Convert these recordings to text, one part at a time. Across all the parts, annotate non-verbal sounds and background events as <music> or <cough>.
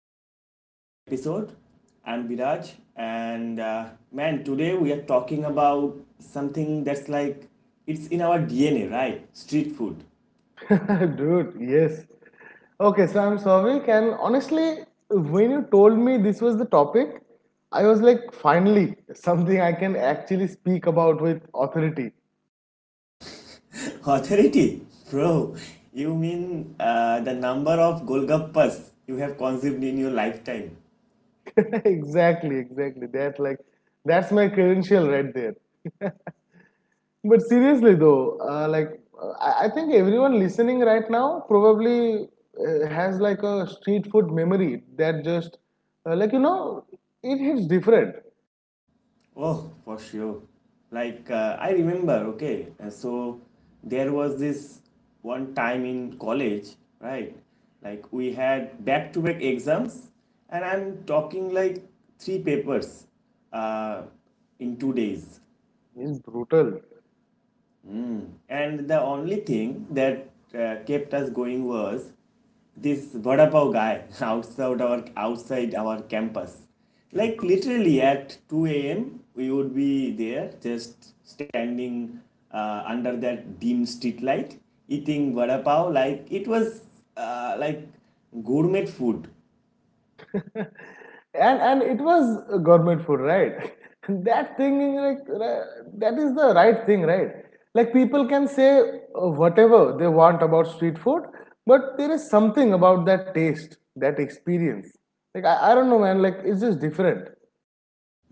to another episode. I'm Viraj, and man, today we are talking about something that's like it's in our DNA, right? Street food. <laughs> Dude, yes. Okay, so I'm Souvik, and honestly, when you told me this was the topic, I was like, finally, something I can actually speak about with authority. <laughs> Authority, bro, you mean the number of golgappas you have consumed in your lifetime? <laughs> Exactly, exactly. That's my credential right there. But seriously though, I think everyone listening right now probably has like a street food memory that just, uh, like you know, it hits different. Oh, for sure. Like, I remember, okay, so there was this one time in college, right? Like, we had back to back exams, and I'm talking like three papers uh, in 2 days. It's brutal. And the only thing that kept us going was this vada pav guy <laughs> outside our campus. Like literally at 2 a.m. we would be there just standing under that dim street light eating vada pav like it was uh, like gourmet food. And it was government food, right? <laughs> That thing, like, uh, that is the right thing, right? Like people can say whatever they want about street food, but there is something about that taste, that experience. Like I don't know, man, like it's just different.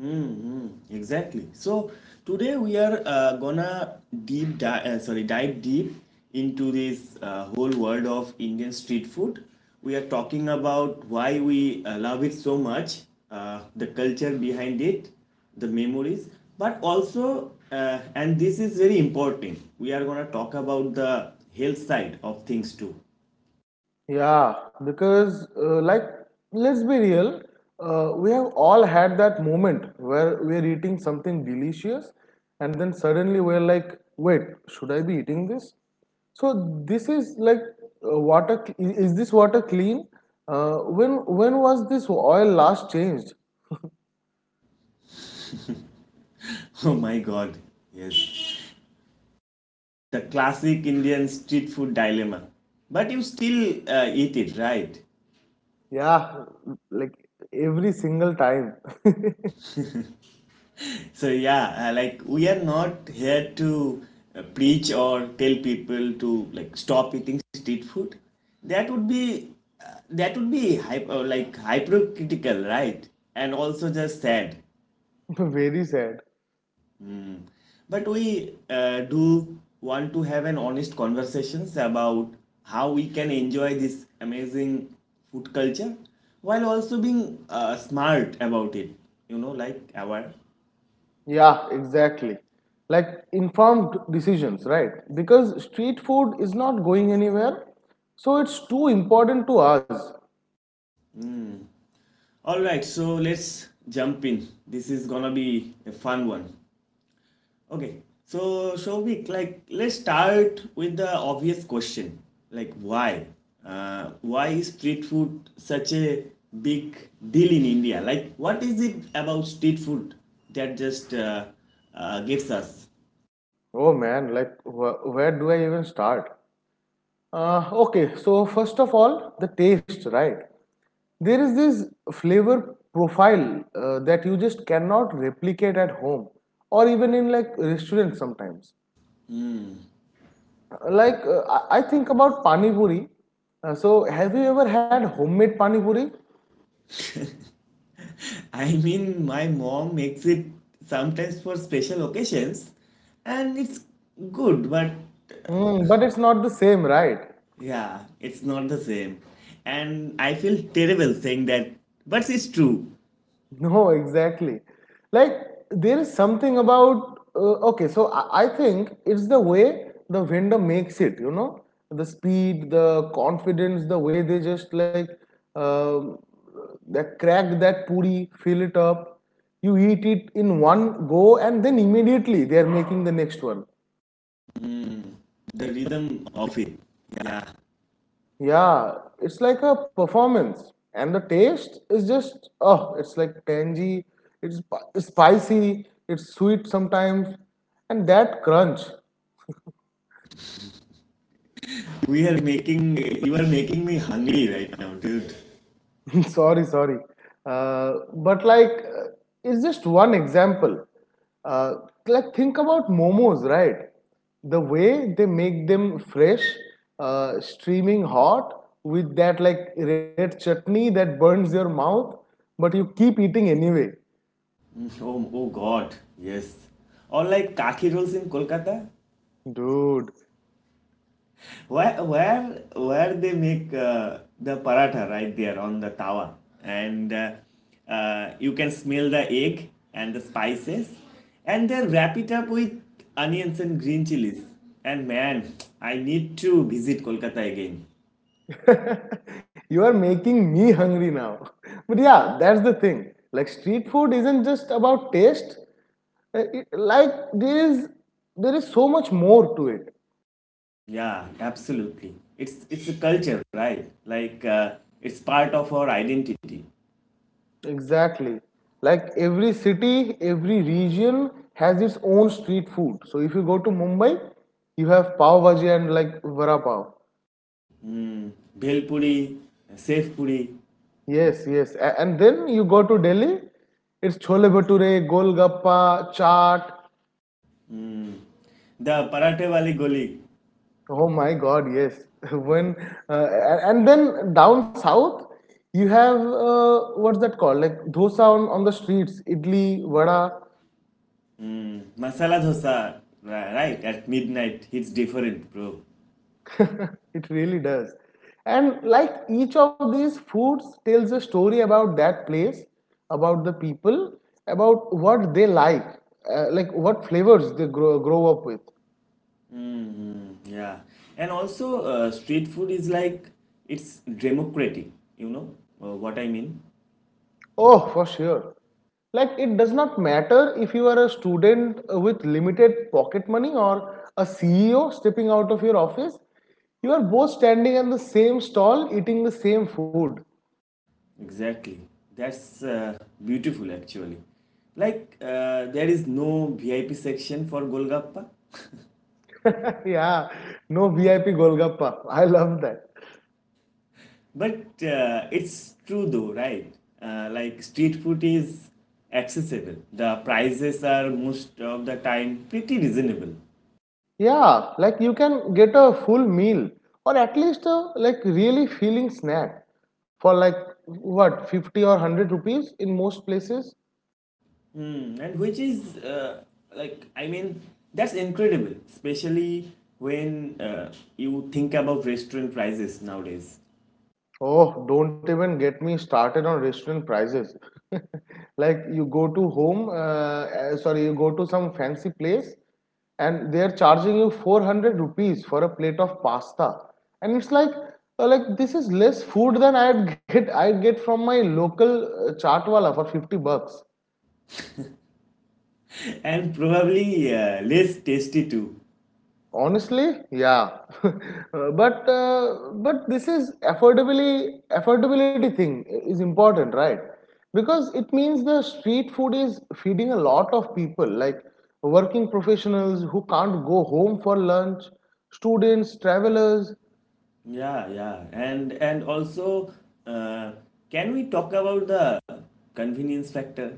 Mm, exactly. So today we are gonna deep di- sorry dive deep into this whole world of Indian street food. We are talking about why we love it so much, the culture behind it, the memories, but also and this is very important. We are gonna talk about the health side of things too. Yeah, because let's be real, we have all had that moment where we're eating something delicious and then suddenly we're like, wait, should I be eating this? So this is like, water. Is this water clean? When was this oil last changed? <laughs> Oh my God! Yes. The classic Indian street food dilemma. But you still eat it, right? Yeah, like every single time. So, yeah, like we are not here to preach or tell people to like stop eating street food. That would be hypercritical, right? And also just sad. <laughs> Very sad. But we do want to have an honest conversations about how we can enjoy this amazing food culture while also being smart about it, you know, like aware. Yeah, exactly. Like informed decisions, right? Because street food is not going anywhere, so it's too important to us. All right, so let's jump in. This is gonna be a fun one. Okay, so Shobik, like let's start with the obvious question, like why? Why is street food such a big deal in India? Like, what is it about street food that just gets us? Oh man, like where do I even start? Okay, so first of all, the taste, right? There is this flavor profile that you just cannot replicate at home, or even in like restaurants sometimes. Like I think about pani puri. So have you ever had homemade pani puri? <laughs> I mean, my mom makes it sometimes for special occasions, and it's good, but Mm, but it's not the same, right? <laughs> yeah, it's not the same. And I feel terrible saying that, but it's true. No, exactly. Like, there is something about, I think it's the way the vendor makes it, you know? The speed, the confidence, the way they just like, um they crack that puri, fill it up. You eat it in one go, and then immediately they are making the next one. The rhythm of it. Yeah. Yeah, it's like a performance, and the taste is just oh, it's like tangy, it's spicy, it's sweet sometimes, and that crunch. We are making, you are making me hungry right now, dude. <laughs> Sorry, sorry, but it's just one example. Uh, like think about momos, right? The way they make them fresh, streaming hot with that like red chutney that burns your mouth, but you keep eating anyway. Mm, oh, oh God. Yes. Or like kathi rolls in Kolkata. Dude, Where they make the paratha right there on the tawa. And you can smell the egg and the spices. And they wrap it up with onions and green chilies. And man, I need to visit Kolkata again. <laughs> you are making me hungry now. But yeah, that's the thing. Like street food isn't just about taste. Like there is so much more to it. Yeah, absolutely. It's a culture, right? Like it's part of our identity. Exactly. Like every city, every region has its own street food. So if you go to Mumbai, you have pav bhaji and like vada pav. Bhel puri, Bhelpuri, Yes, yes. And then you go to Delhi, it's chole bhature, golgappa, chaat. the parathe wali goli, Oh my God, yes. <laughs> When and then down south, you have, what's that called? Like dosa on the streets, idli, vada. mm, masala dosa, right? At midnight, it's different, bro. It really does. And like each of these foods tells a story about that place, about the people, about what they like what flavors they grow up with. Yeah, and also street food is like it's democratic. You know what I mean? Oh, for sure. Like, it does not matter if you are a student with limited pocket money or a CEO stepping out of your office, you are both standing at the same stall eating the same food. Exactly. That's beautiful, actually. Like there is no VIP section for Golgappa. <laughs> Yeah, no VIP Golgappa. I love that. But it's true though, right? Like street food is accessible. The prices are most of the time pretty reasonable. Yeah, like you can get a full meal, or at least a like really feeling snack, for like what, 50 or 100 rupees in most places. Hmm. And which is like I mean that's incredible, especially when you think about restaurant prices nowadays. Oh, don't even get me started on restaurant prices. <laughs> Like you go to home, uh, you go to some fancy place and they are charging you 400 rupees for a plate of pasta. And it's like, this is less food than I'd get from my local chaat wala for 50 bucks. <laughs> And probably less tasty too. Honestly, yeah. <laughs> But this is affordably affordability thing is important, right? Because it means the street food is feeding a lot of people, like working professionals who can't go home for lunch, students, travelers. Yeah, yeah, and also, uh, can we talk about the convenience factor?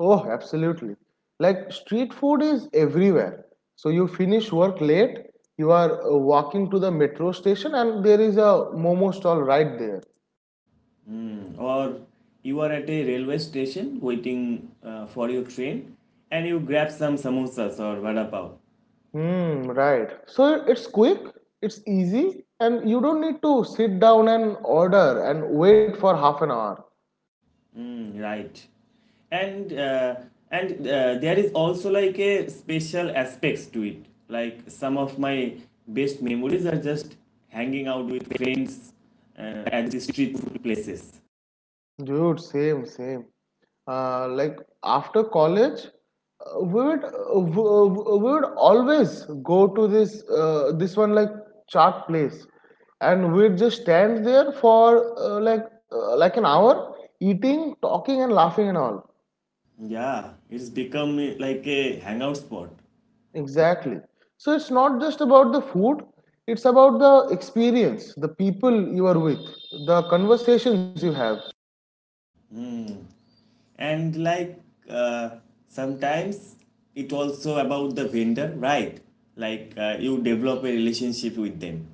Oh, absolutely! Like street food is everywhere. So you finish work late, you are walking to the metro station, and there is a momo stall right there. Mm. Or you are at a railway station waiting for your train and you grab some samosas or vada pav. Hmm, right. So it's quick, it's easy, and you don't need to sit down and order and wait for half an hour. Mm, right. And there is also like a special aspects to it, like some of my best memories are just hanging out with friends at the street food places. Dude, same, same. Like after college, uh, we would uh, we uh, we would always go to this this one like chat place, and we'd just stand there for like an hour, eating, talking, and laughing and all. Yeah, it's become like a hangout spot. Exactly. So it's not just about the food, it's about the experience, the people you are with, the conversations you have. Mm. And uh, sometimes it also about the vendor, right? You develop a relationship with them.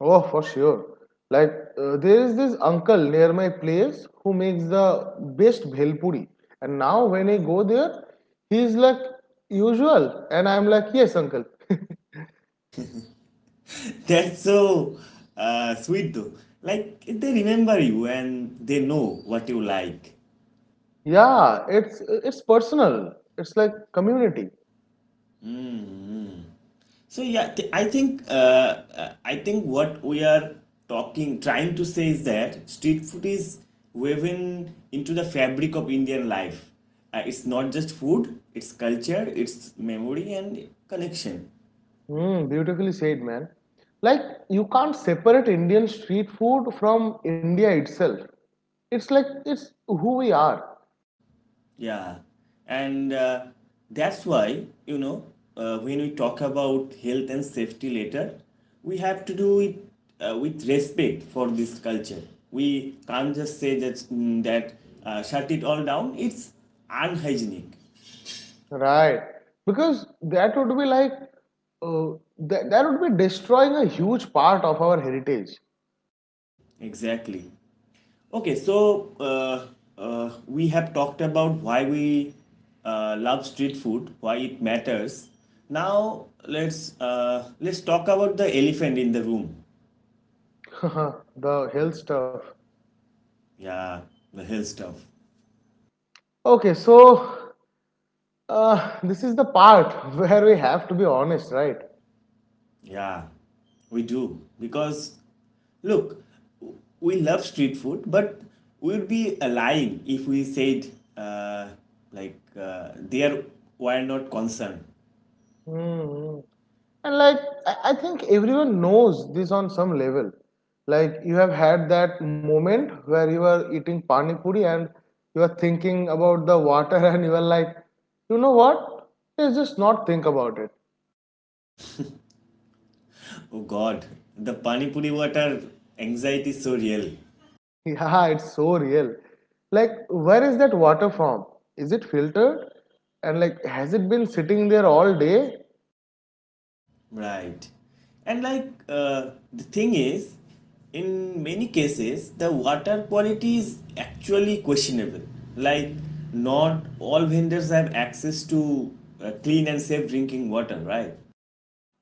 Oh, for sure. Like, there is this uncle near my place who makes the best bhelpuri. And now, when I go there, he's like, usual. And I'm like, yes, uncle. <laughs> <laughs> That's so sweet though. Like they remember you and they know what you like. Yeah, it's personal, it's like community. So yeah, I think what we are talking trying to say is that street food is woven into the fabric of Indian life. It's not just food, it's culture, it's memory and connection. Mm, beautifully said, man. Like, you can't separate Indian street food from India itself. It's like, it's who we are, Yeah, and that's why, you know, when we talk about health and safety later, we have to do it with respect for this culture. We can't just say that, mm, that shut it all down. It's unhygienic. right? Because that would be like, uh, that would be destroying a huge part of our heritage. Exactly. Okay, so we have talked about why we love street food, why it matters. Now let's talk about the elephant in the room. <laughs> The health stuff. Yeah, the hill stuff. Okay, so this is the part <laughs> where we have to be honest, right? Yeah, we do. Because, look, we love street food, but we would be lying if we said, uh, like, uh, they are, why not concerned? Mm-hmm. And like, I think everyone knows this on some level. Like, you have had that moment where you are eating pani puri and you are thinking about the water, <laughs> and you are like, you know what? Let's just not think about it. <laughs> Oh God, the Pani Puri water anxiety is so real. Yeah, it's so real. Like, where is that water from? Is it filtered? And like, has it been sitting there all day? Right. And like the thing is, in many cases, the water quality is actually questionable. Like, not all vendors have access to clean and safe drinking water, right?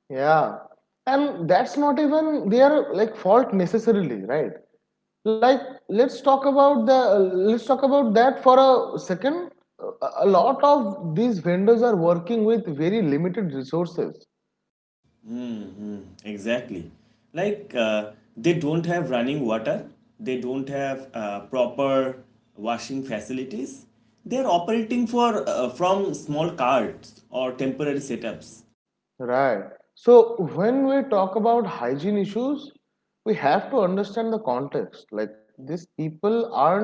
Yeah. And that's not even their like fault necessarily, right? Like let's talk about that for a second. A lot of these vendors are working with very limited resources, Exactly. Like, they don't have running water, they don't have proper washing facilities. They're operating for from small carts or temporary setups. right? So when we talk about hygiene issues, we have to understand the context. Like these people aren't,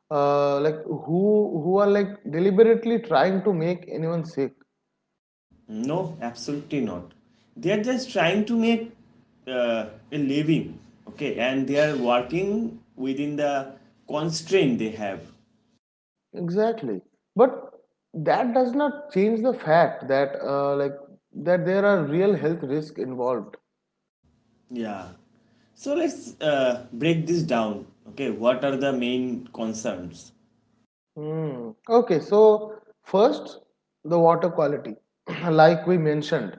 uh, like who who are like deliberately trying to make anyone sick. No, absolutely not. They are just trying to make a living, okay, and they are working within the constraint they have. Exactly. But that does not change the fact that that there are real health risks involved. Yeah. So let's break this down. Okay, what are the main concerns? Hmm. Okay, so first, the water quality. <clears throat> Like we mentioned,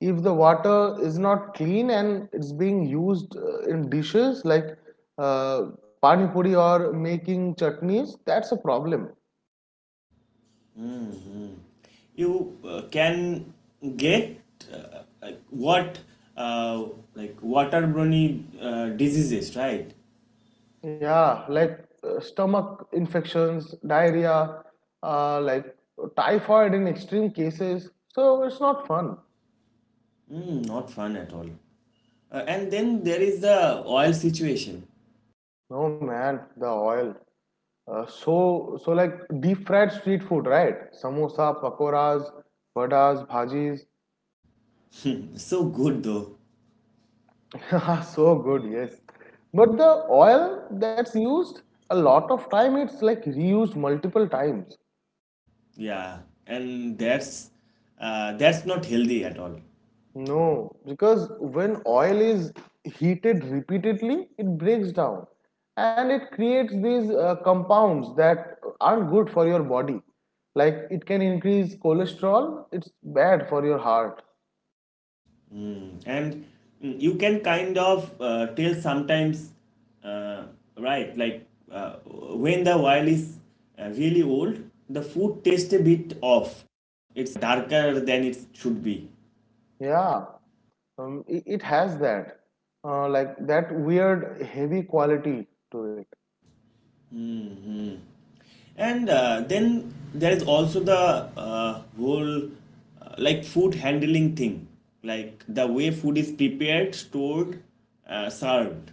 if the water is not clean and it's being used in dishes like uh, pani puri or making chutneys, that's a problem. Mhm. You can get uh, like what uh, like waterborne diseases, right? Yeah, like stomach infections, diarrhea, uh, like typhoid in extreme cases. So it's not fun. Mm, not fun at all. And then there is the oil situation. No man, the oil. So deep fried street food, right? Samosa, pakoras, vadas, bhajis. <laughs> So good though. Yeah, so good, yes. But the oil that's used a lot of time, it's like reused multiple times. Yeah, and that's not healthy at all. No, because when oil is heated repeatedly, it breaks down and it creates these compounds that aren't good for your body. Like it can increase cholesterol, it's bad for your heart. Mm. And mm, you can kind of tell sometimes, uh, right, like when the wine is really old, the food tastes a bit off, it's darker than it should be. Yeah, it, it has that, that weird heavy quality to it. Mm-hmm. And then there is also the whole like food handling thing, like the way food is prepared, stored, served.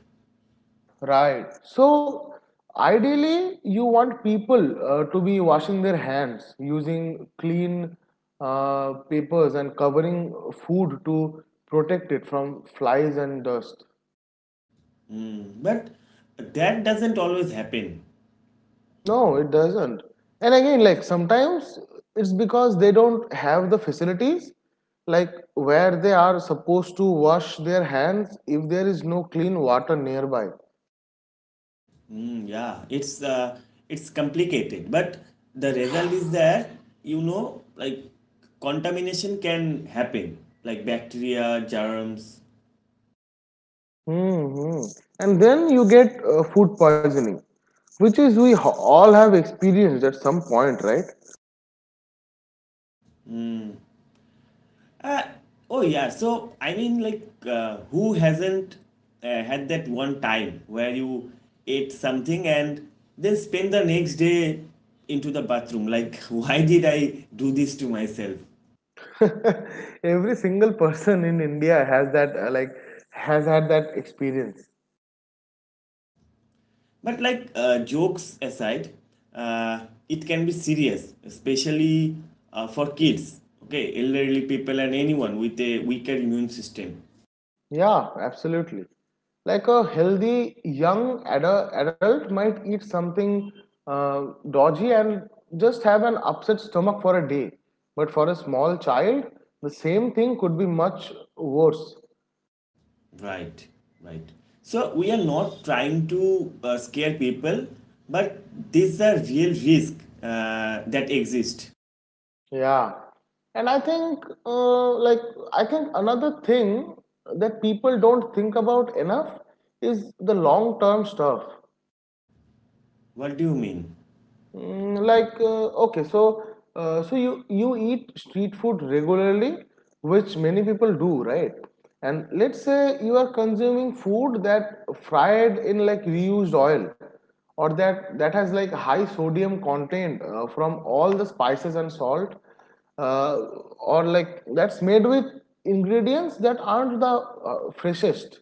Right. So ideally, you want people to be washing their hands, using clean papers and covering food to protect it from flies and dust. But that doesn't always happen. No, it doesn't. And again, like sometimes it's because they don't have the facilities, like where they are supposed to wash their hands if there is no clean water nearby. Mm, yeah, it's complicated, but the result is that you know like contamination can happen, like bacteria, germs. Hmm. And then you get food poisoning, which is we all have experienced at some point, right? Uh, oh yeah. So I mean, like, who hasn't had that one time where you ate something and then spend the next day into the bathroom? Like, <laughs> why did I do this to myself? <laughs> Every single person in India has that, has had that experience. But like, jokes aside, it can be serious, especially for kids. Okay, elderly people and anyone with a weaker immune system. Yeah, absolutely. Like a healthy young adult might eat something dodgy and just have an upset stomach for a day. But for a small child, the same thing could be much worse. Right, right. So we are not trying to scare people, but these are real risk that exist. Yeah. And I think, I think another thing that people don't think about enough is the long term stuff. What do you mean? Mm, like you you eat street food regularly, which many people do, right? And let's say you are consuming food that fried in like reused oil, or that has like high sodium content from all the spices and salt, uh, or like that's made with ingredients that aren't the freshest,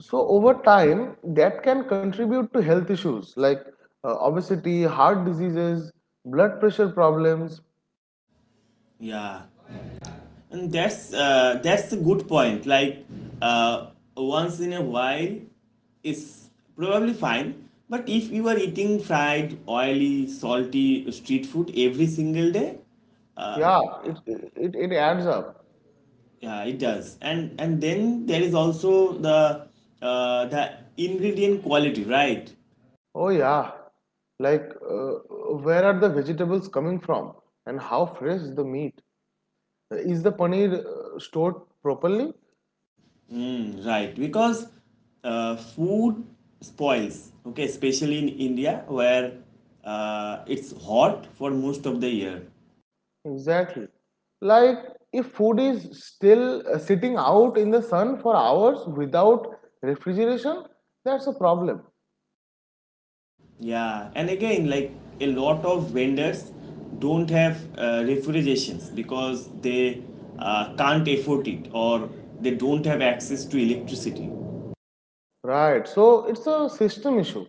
so over time, that can contribute to health issues like obesity, heart diseases, blood pressure problems. Yeah, and that's a good point. Like uh, once in a while, it's probably fine. But if you are eating fried, oily, salty street food every single day, uh, Yeah, it it adds up. yeah, it does. And then there is also the uh, the ingredient quality, right? Oh yeah, like where are the vegetables coming from, and how fresh is the meat? Is the paneer stored properly? Mm, right, because food spoils. Okay, especially in India where it's hot for most of the year. Exactly. Like if food is still sitting out in the sun for hours without refrigeration, that's a problem. Yeah, and again, like a lot of vendors don't have refrigerations because they can't afford it or they don't have access to electricity. Right. So it's a system issue,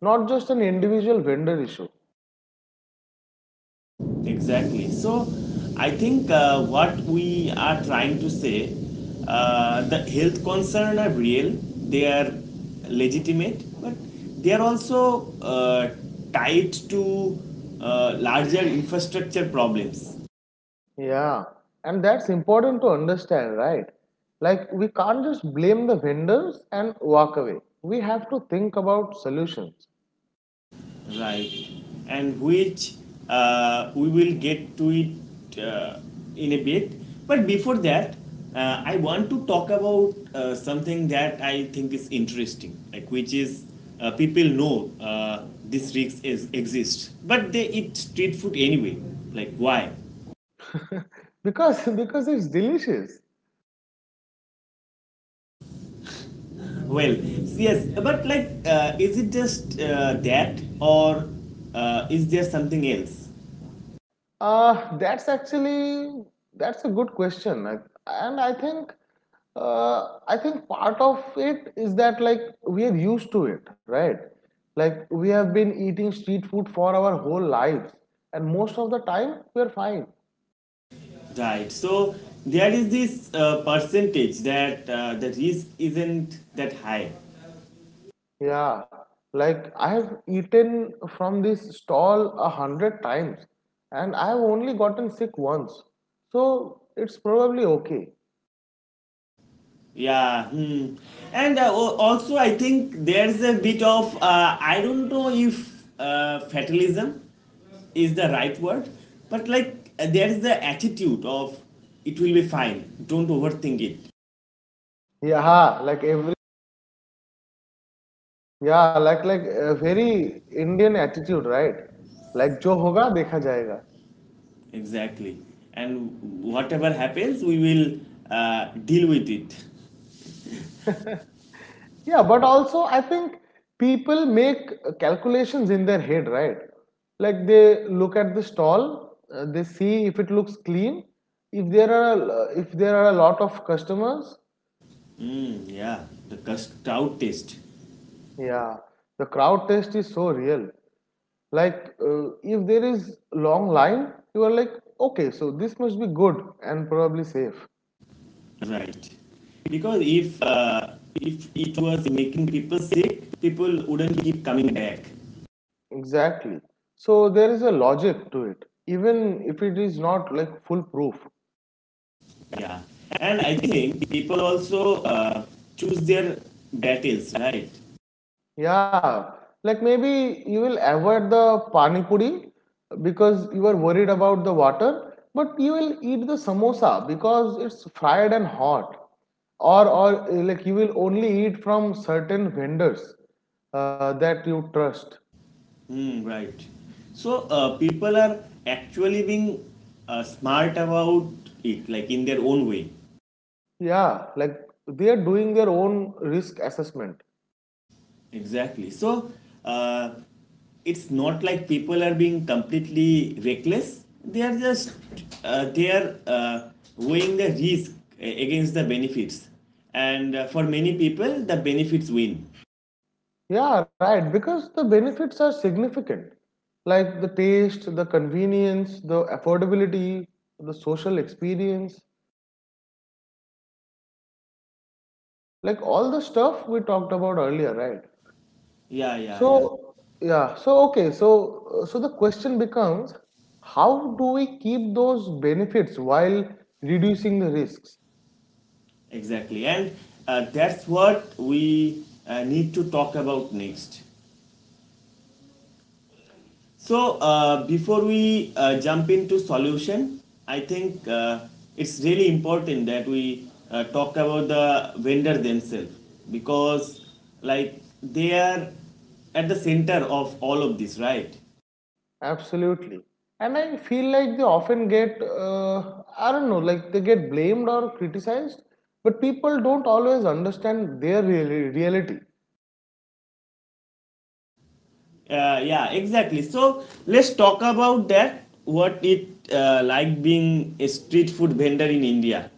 not just an individual vendor issue. Exactly. So I think what we are trying to say, the health concerns are real. They are legitimate, but they are also tied to larger infrastructure problems. Yeah. And that's important to understand, right? Like we can't just blame the vendors and walk away. We have to think about solutions Right, and which we will get to it in a bit, but before that, I want to talk about something that I think is interesting, like which is people know this risk is exists but they eat street food anyway, like why? because <laughs> because it's delicious. Well, yes, but like is it just that or is there something else? Uh, that's actually that's a good question. And I think I think part of it is that like we are used to it, right? Like we have been eating street food for our whole lives, and most of the time we're fine. Right. So there is this percentage that the risk isn't that high. Yeah, like I have eaten from this stall a hundred times, and I have only gotten sick once, so it's probably okay. Yeah. Hmm. And al- also, I think there's a bit of I don't know if fatalism is the right word, but like there is the attitude of it will be fine. Don't overthink it. Yeah, like every Yeah, like a very Indian attitude, right? Like जो होगा देखा जाएगा. Exactly. And whatever happens, we will deal with it. Yeah, but also I think people make calculations in their head, right? Like they look at the stall, they see if it looks clean, if there are a lot of customers. Mm, yeah. The crowd test. Yeah, the crowd test is so real. Like if there is long line, you are like, okay, so this must be good and probably safe. Right. Because if it was making people sick, people wouldn't keep coming back. Exactly. So there is a logic to it, even if it is not like foolproof. Yeah. And I think people also choose their battles, right? Yeah, like maybe you will avoid the pani puri because you are worried about the water, but you will eat the samosa because it's fried and hot. Or, like you will only eat from certain vendors that you trust. Hmm. Right. So people are actually being smart about it, like in their own way. Yeah, like they are doing their own risk assessment. Exactly. So uh, it's not like people are being completely reckless. They are just they are weighing the risk against the benefits, and for many people, the benefits win. Yeah, right. Because the benefits are significant, like the taste, the convenience, the affordability, the social experience, like all the stuff we talked about earlier, right? Yeah, yeah, yeah. So, yeah. So, okay. So the question becomes, how do we keep those benefits while reducing the risks? Exactly, and that's what we need to talk about next. So before we jump into solution, I think it's really important that we talk about the vendor themselves because like they are at the center of all of this, right? Absolutely. And I feel like they often get, I don't know, like they get blamed or criticized, but people don't always understand their reality. Yeah, exactly. So let's talk about that. What it like being a street food vendor in India?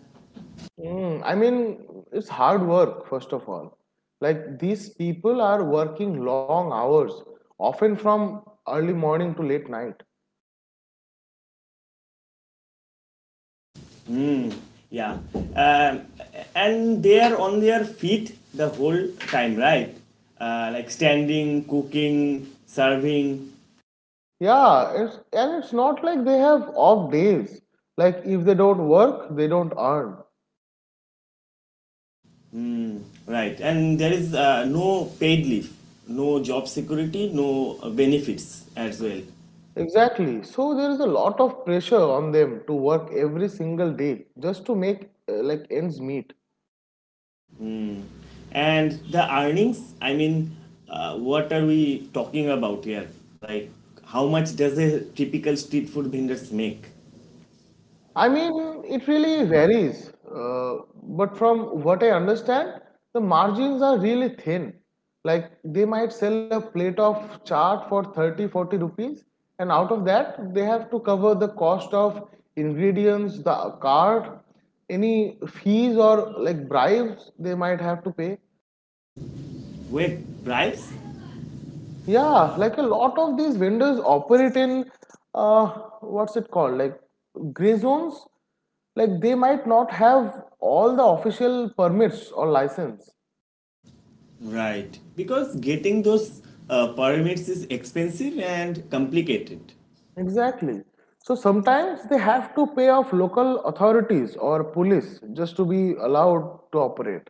I mean, it's hard work, first of all. Like these people are working long hours, often from early morning to late night. Mm, yeah, um, and they are on their feet the whole time, right? Like standing, cooking, serving, Yeah, and it's not like they have off days. Like if they don't work, they don't earn. right? And there is no paid leave, no job security, no benefits as well. Exactly. So there is a lot of pressure on them to work every single day just to make like ends meet. And the earnings, I mean, what are we talking about here? Like, how much does a typical street food vendors make? I mean, it really varies. But from what I understand, the margins are really thin. Like they might sell a plate of chaat for 30, 40 rupees, and out of that, they have to cover the cost of ingredients, the cart, any fees or like bribes they might have to pay. With bribes? Yeah, like a lot of these vendors operate in uh, what's it called? Like gray zones. Like they might not have all the official permits or license. Right. Because getting those permits is expensive and complicated. Exactly. So sometimes they have to pay off local authorities or police just to be allowed to operate.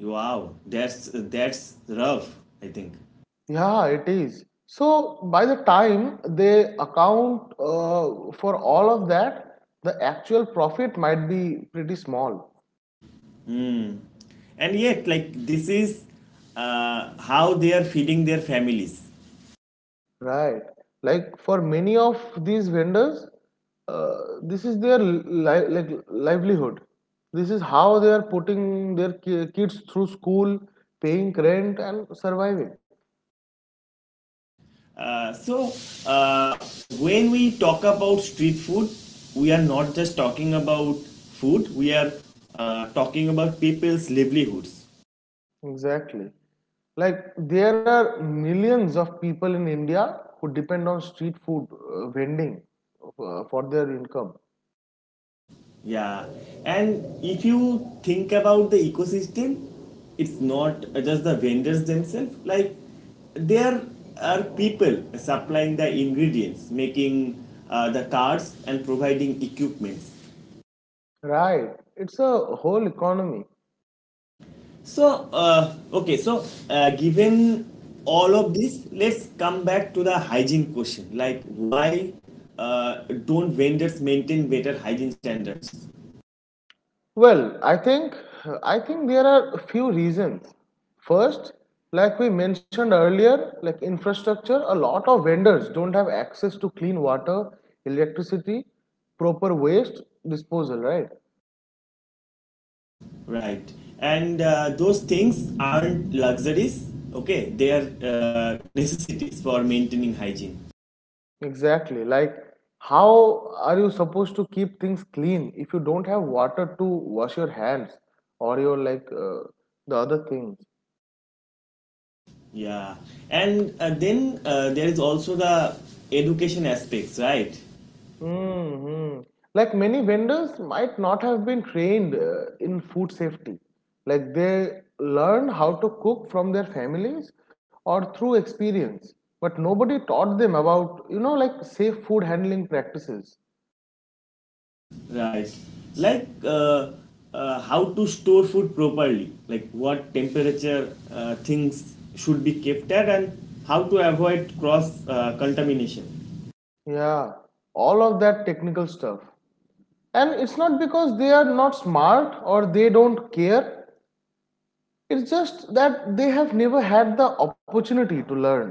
Wow, that's rough, I think. Yeah, it is. So by the time they account for all of that, the actual profit might be pretty small. Hmm. And yet, like this is how they are feeding their families. Right. Like for many of these vendors, uh, this is their like livelihood. This is how they are putting their kids through school, paying rent, and surviving. So uh, when we talk about street food, we are not just talking about food. We are talking about people's livelihoods. Exactly. Like there are millions of people in India who depend on street food vending for their income. Yeah, and if you think about the ecosystem, it's not just the vendors themselves. Like there are people supplying the ingredients, making the cards, and providing equipments. Right. It's a whole economy. So okay, so given all of this, let's come back to the hygiene question. Like why don't vendors maintain better hygiene standards? Well, I think there are a few reasons. First, like we mentioned earlier, like infrastructure, a lot of vendors don't have access to clean water, electricity, proper waste disposal, right? Right. And those things aren't luxuries, okay? They are necessities for maintaining hygiene. Exactly. Like how are you supposed to keep things clean if you don't have water to wash your hands or your like the other things? Yeah. And then there is also the education aspects, right? Mm-hmm. Like many vendors might not have been trained in food safety. Like they learn how to cook from their families or through experience, but nobody taught them about, like safe food handling practices. Right. Like how to store food properly, like what temperature things should be kept at, and how to avoid cross contamination. Yeah, all of that technical stuff. And it's not because they are not smart or they don't care, it's just that they have never had the opportunity to learn.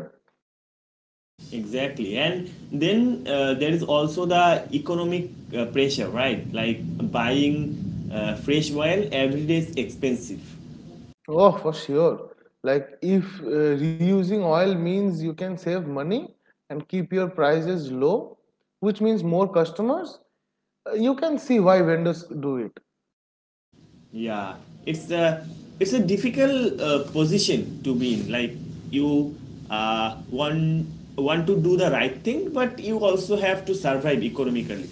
Exactly. And then there is also the economic pressure, right? Like buying fresh oil every day is expensive. Oh, for sure. Like if reusing oil means you can save money and keep your prices low, which means more customers, you can see why vendors do it. Yeah. It's a it's a difficult position to be in. Like you uh, want want to do the right thing, but you also have to survive economically.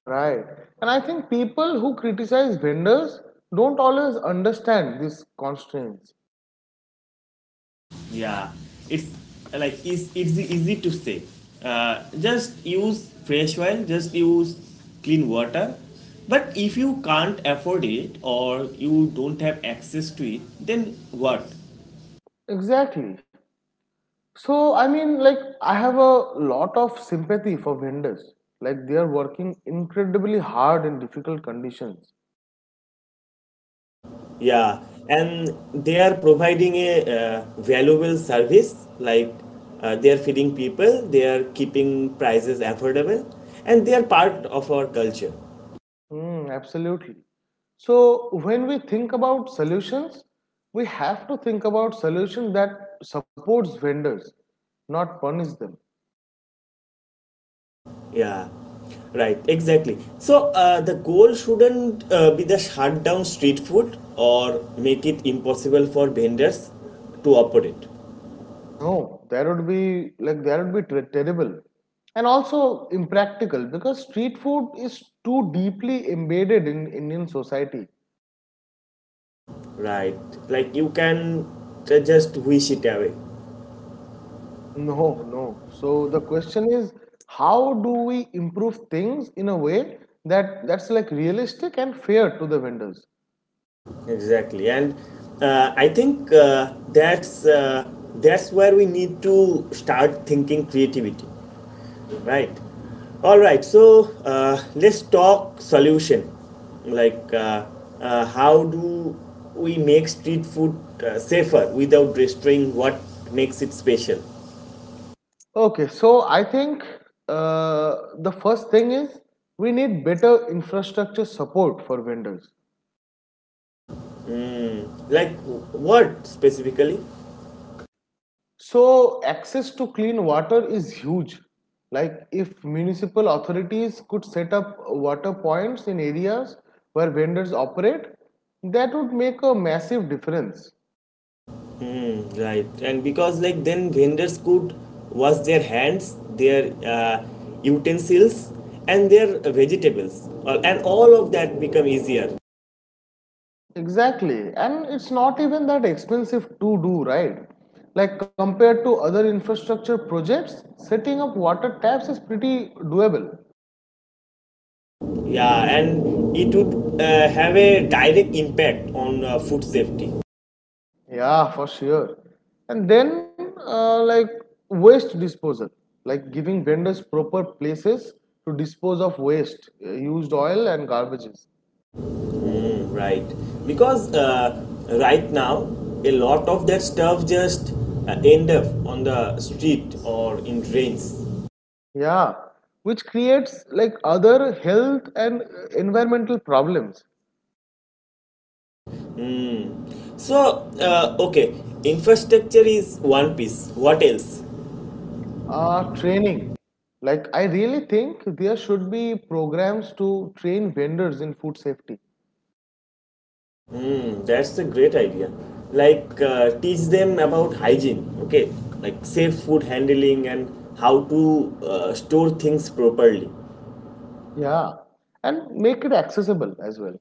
Right. And I think people who criticize vendors don't always understand these constraints. Yeah, it's like it's easy to say. Just use fresh oil. Just use clean water. But if you can't afford it or you don't have access to it, then what? Exactly. So, I mean, like, I have a lot of sympathy for vendors. Like, they are working incredibly hard in difficult conditions. Yeah, and they are providing a valuable service like they are feeding people, they are keeping prices affordable, and they are part of our culture. Mm, absolutely. So when we think about solutions, we have to think about solutions that supports vendors, not punish them. Yeah, right, exactly. So the goal shouldn't be the shut down street food or make it impossible for vendors to operate, No, that would be like that would be ter- terrible, and also impractical because street food is too deeply embedded in Indian society. right? Like you can just wish it away. No, no. So the question is, how do we improve things in a way that's like realistic and fair to the vendors? Exactly, and I think that's where we need to start thinking creativity. Right. All right. So let's talk solution. Like, how do we make street food safer without destroying what makes it special? Okay, so I think the first thing is we need better infrastructure support for vendors. Like, what specifically? So access to clean water is huge. Like if municipal authorities could set up water points in areas where vendors operate, that would make a massive difference. Right. And because, like, then vendors could wash their hands, their utensils, and their vegetables, and all of that become easier. Exactly, and it's not even that expensive to do, right? Like compared to other infrastructure projects, setting up water taps is pretty doable. Yeah, and it would have a direct impact on food safety. Yeah, for sure. And then, like waste disposal, like giving vendors proper places to dispose of waste, used oil and garbages. Right. Because right now, a lot of that stuff just end up on the street or in drains. Yeah, which creates like other health and environmental problems. So okay, infrastructure is one piece. What else? Training, like I really think there should be programs to train vendors in food safety. Hmm, that's a great idea. Like, teach them about hygiene, okay? Like, safe food handling and how to store things properly. Yeah, and make it accessible as well.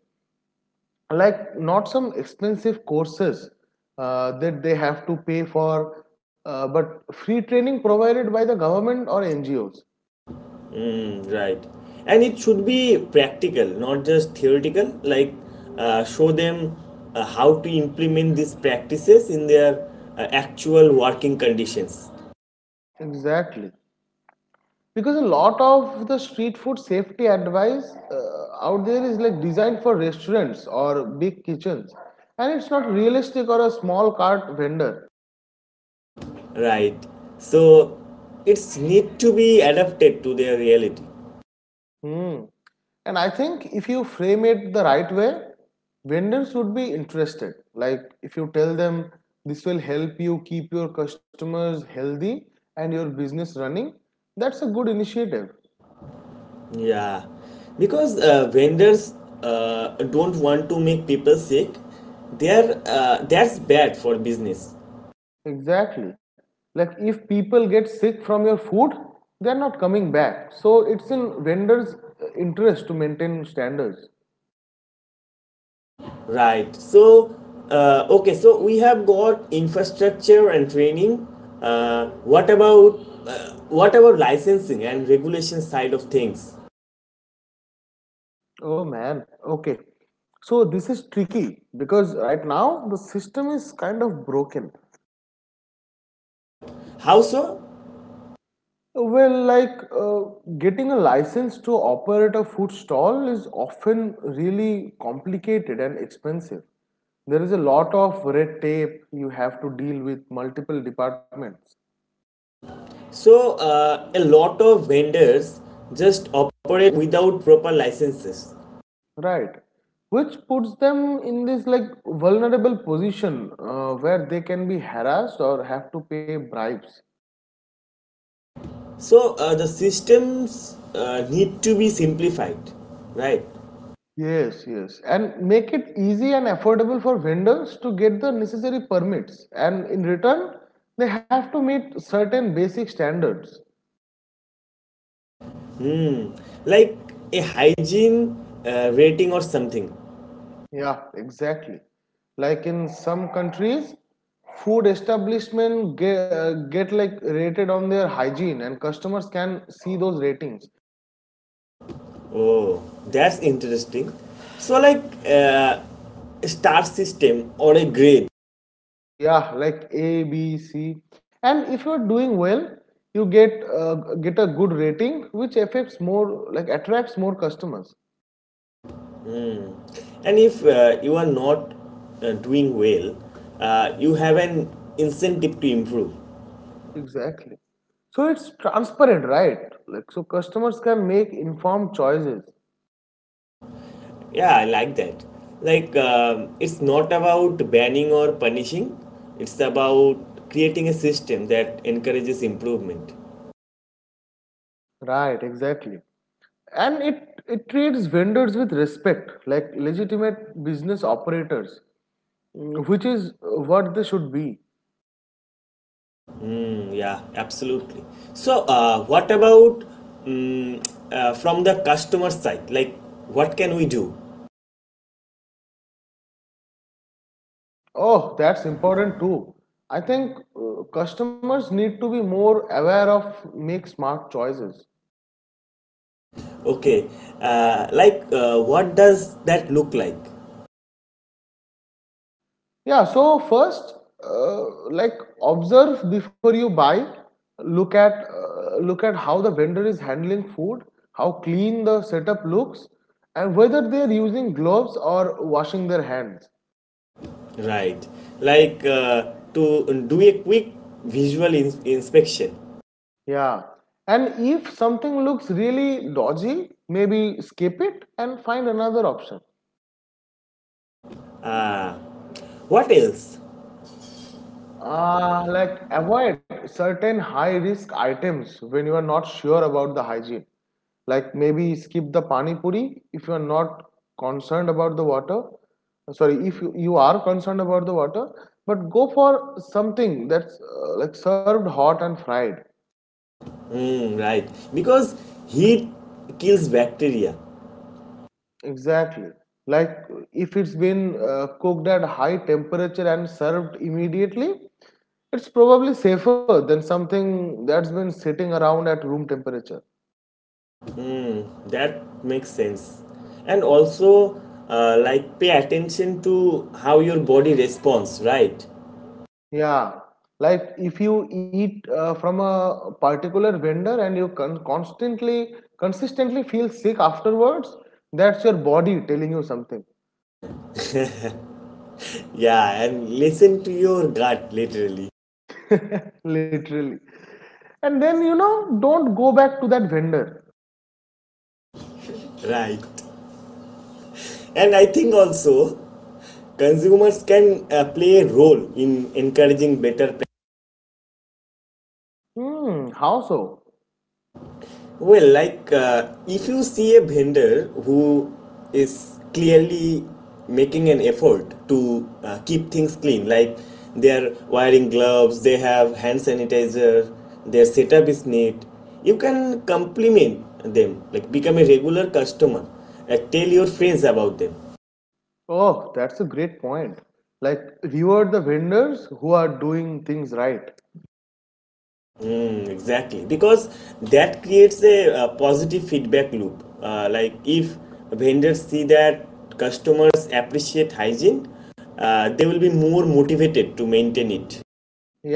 Like not some expensive courses that they have to pay for, but free training provided by the government or NGOs. Right. And it should be practical, not just theoretical. Like, show them how to implement these practices in their actual working conditions. Exactly, because a lot of the street food safety advice out there is like designed for restaurants or big kitchens, and it's not realistic or a small cart vendor. Right. So, it's need to be adapted to their reality. Hmm. And I think if you frame it the right way, vendors would be interested. Like if you tell them this will help you keep your customers healthy and your business running, that's a good initiative. Yeah. Because vendors don't want to make people sick. They're, that's bad for business. Exactly. Like if people get sick from your food, they're not coming back. So it's in vendors' interest to maintain standards. Right. So okay, so we have got infrastructure and training. What about what about licensing and regulation side of things? Oh man, okay. So this is tricky because right now the system is kind of broken. How so? Well, like getting a license to operate a food stall is often really complicated and expensive. There is a lot of red tape, you have to deal with multiple departments, So, a lot of vendors just operate without proper licenses. right? Which puts them in this like vulnerable position where they can be harassed or have to pay bribes. So, the systems need to be simplified, right? Yes, yes. And make it easy and affordable for vendors to get the necessary permits. And in return, they have to meet certain basic standards. Hmm. Like a hygiene rating or something. Yeah, exactly. Like in some countries, food establishment get like rated on their hygiene, and customers can see those ratings. Oh, that's interesting. So, like uh, star system or a grade, Yeah, like A, B, C. And if you're doing well, you get a good rating which affects more like attracts more customers. and if you are not doing well, you have an incentive to improve. Exactly. So it's transparent, right? Like so customers can make informed choices. Yeah, I like that. Like, it's not about banning or punishing, it's about creating a system that encourages improvement. Right, exactly. And it treats vendors with respect, like legitimate business operators, which is what they should be. Mm, yeah, absolutely. So, what about mm, from the customer side? Like, what can we do? Oh, that's important too. I think customers need to be more aware of make smart choices. Okay, like what does that look like? Yeah, so first, like observe before you buy. Look at how the vendor is handling food, how clean the setup looks, and whether they are using gloves or washing their hands. Right, like to do a quick visual inspection. Yeah, and if something looks really dodgy, maybe skip it and find another option. Ah, what else? Like avoid certain high risk items when you are not sure about the hygiene. Like maybe skip the pani puri if you are not concerned about the water. Sorry, if you are concerned about the water, but go for something that's like served hot and fried. Hmm, right, because heat kills bacteria. Exactly. Like if it's been cooked at high temperature and served immediately, it's probably safer than something that's been sitting around at room temperature. That makes sense. And also, like pay attention to how your body responds. Right. Yeah, like if you eat from a particular vendor and you consistently feel sick afterwards, that's your body telling you something, Yeah, and listen to your gut literally. literally. And then don't go back to that vendor. Right. And I think also consumers can play a role in encouraging better Hmm, how so? Well, like if you see a vendor who is clearly making an effort to keep things clean, like they are wearing gloves, they have hand sanitizer, their setup is neat, you can compliment them, like become a regular customer, tell your friends about them. Oh, that's a great point. Like reward the vendors who are doing things right. Mm, exactly, because that creates a, uh, positive feedback loop. Like if vendors see that customers appreciate hygiene, they will be more motivated to maintain it.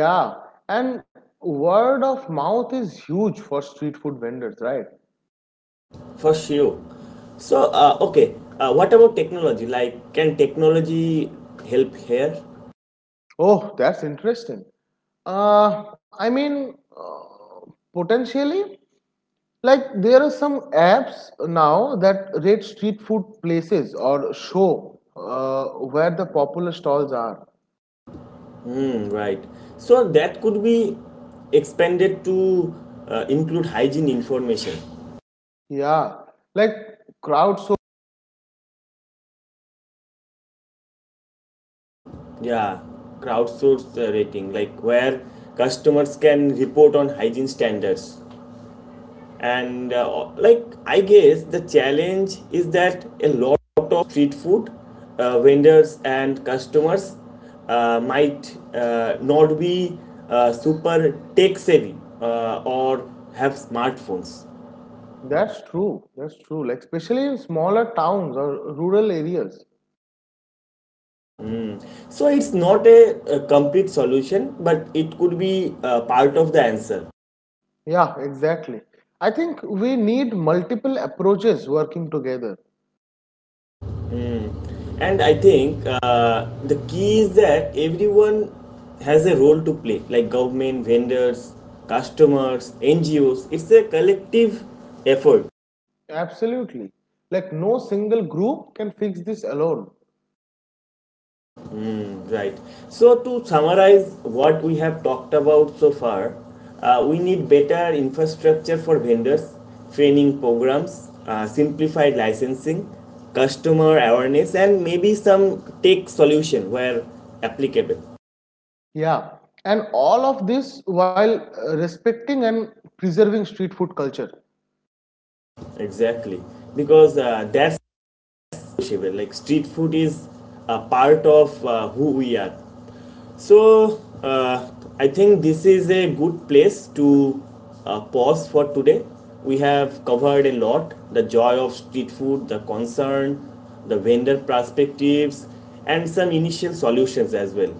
Yeah, and word of mouth is huge for street food vendors, right? For sure. So okay, what about technology? Like, can technology help here? Oh, that's interesting. I mean, potentially, like there are some apps now that rate street food places or show where the popular stalls are. Hmm, right, so that could be expanded to include hygiene information. Yeah, like crowdsourcing. Yeah, crowdsourced rating, like where customers can report on hygiene standards. And like I guess the challenge is that a lot of street food vendors and customers might not be super tech savvy, or have smartphones. That's true. That's true. Like especially in smaller towns or rural areas. So it's not a, a complete solution, but it could be part of the answer. Yeah, exactly. I think we need multiple approaches working together. And I think the key is that everyone has a role to play, like government, vendors, customers, NGOs. It's a collective effort, Absolutely. Like no single group can fix this alone. right? So, to summarize what we have talked about so far, we need better infrastructure for vendors, training programs, simplified licensing, customer awareness, and maybe some tech solution where applicable. Yeah, and all of this while respecting and preserving street food culture. Exactly, because that's Shiva. Like street food is a part of who we are. So I think this is a good place to pause for today. We have covered a lot: the joy of street food, the concern, the vendor perspectives, and some initial solutions as well.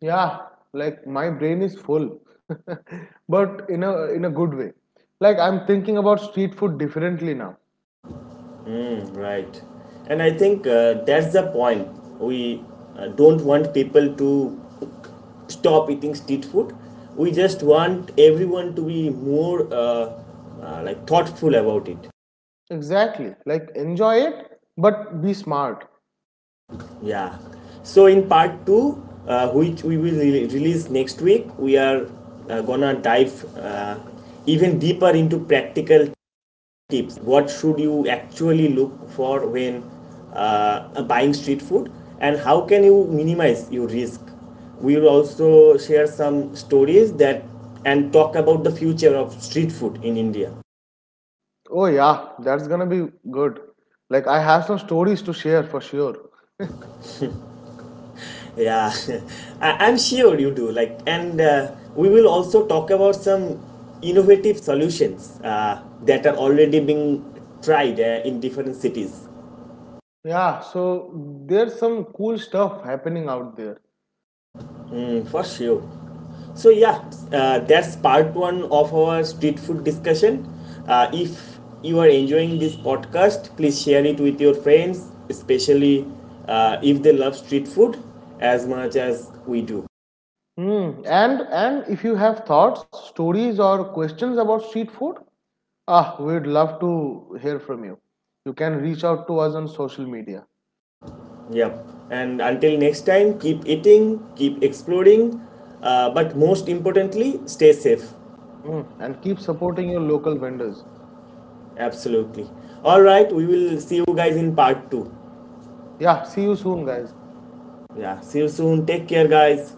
Yeah, like my brain is full, <laughs> but in a good way. Like I'm thinking about street food differently now. Right, and I think that's the point. We don't want people to stop eating street food. We just want everyone to be more like thoughtful about it. Exactly. Like enjoy it, but be smart. Yeah. So in part two, which we will release next week, we are gonna dive even deeper into practical tips: what should you actually look for when uh, buying street food, and how can you minimize your risk? We will also share some stories that and talk about the future of street food in India. Oh yeah, that's gonna be good. Like I have some stories to share for sure. Yeah. <laughs> I'm sure you do. Like, and we will also talk about some innovative solutions that are already being tried in different cities. Yeah, so there's some cool stuff happening out there. For sure. So yeah, that's part one of our street food discussion. If you are enjoying this podcast, please share it with your friends, especially if they love street food as much as we do. Hmm. And if you have thoughts, stories, or questions about street food, we'd love to hear from you. You can reach out to us on social media. Yep. And until next time, keep eating, keep exploring, but most importantly, stay safe. Hmm. And keep supporting your local vendors. Absolutely. All right, we will see you guys in part two. Yeah. See you soon, guys. Yeah. See you soon. Take care, guys.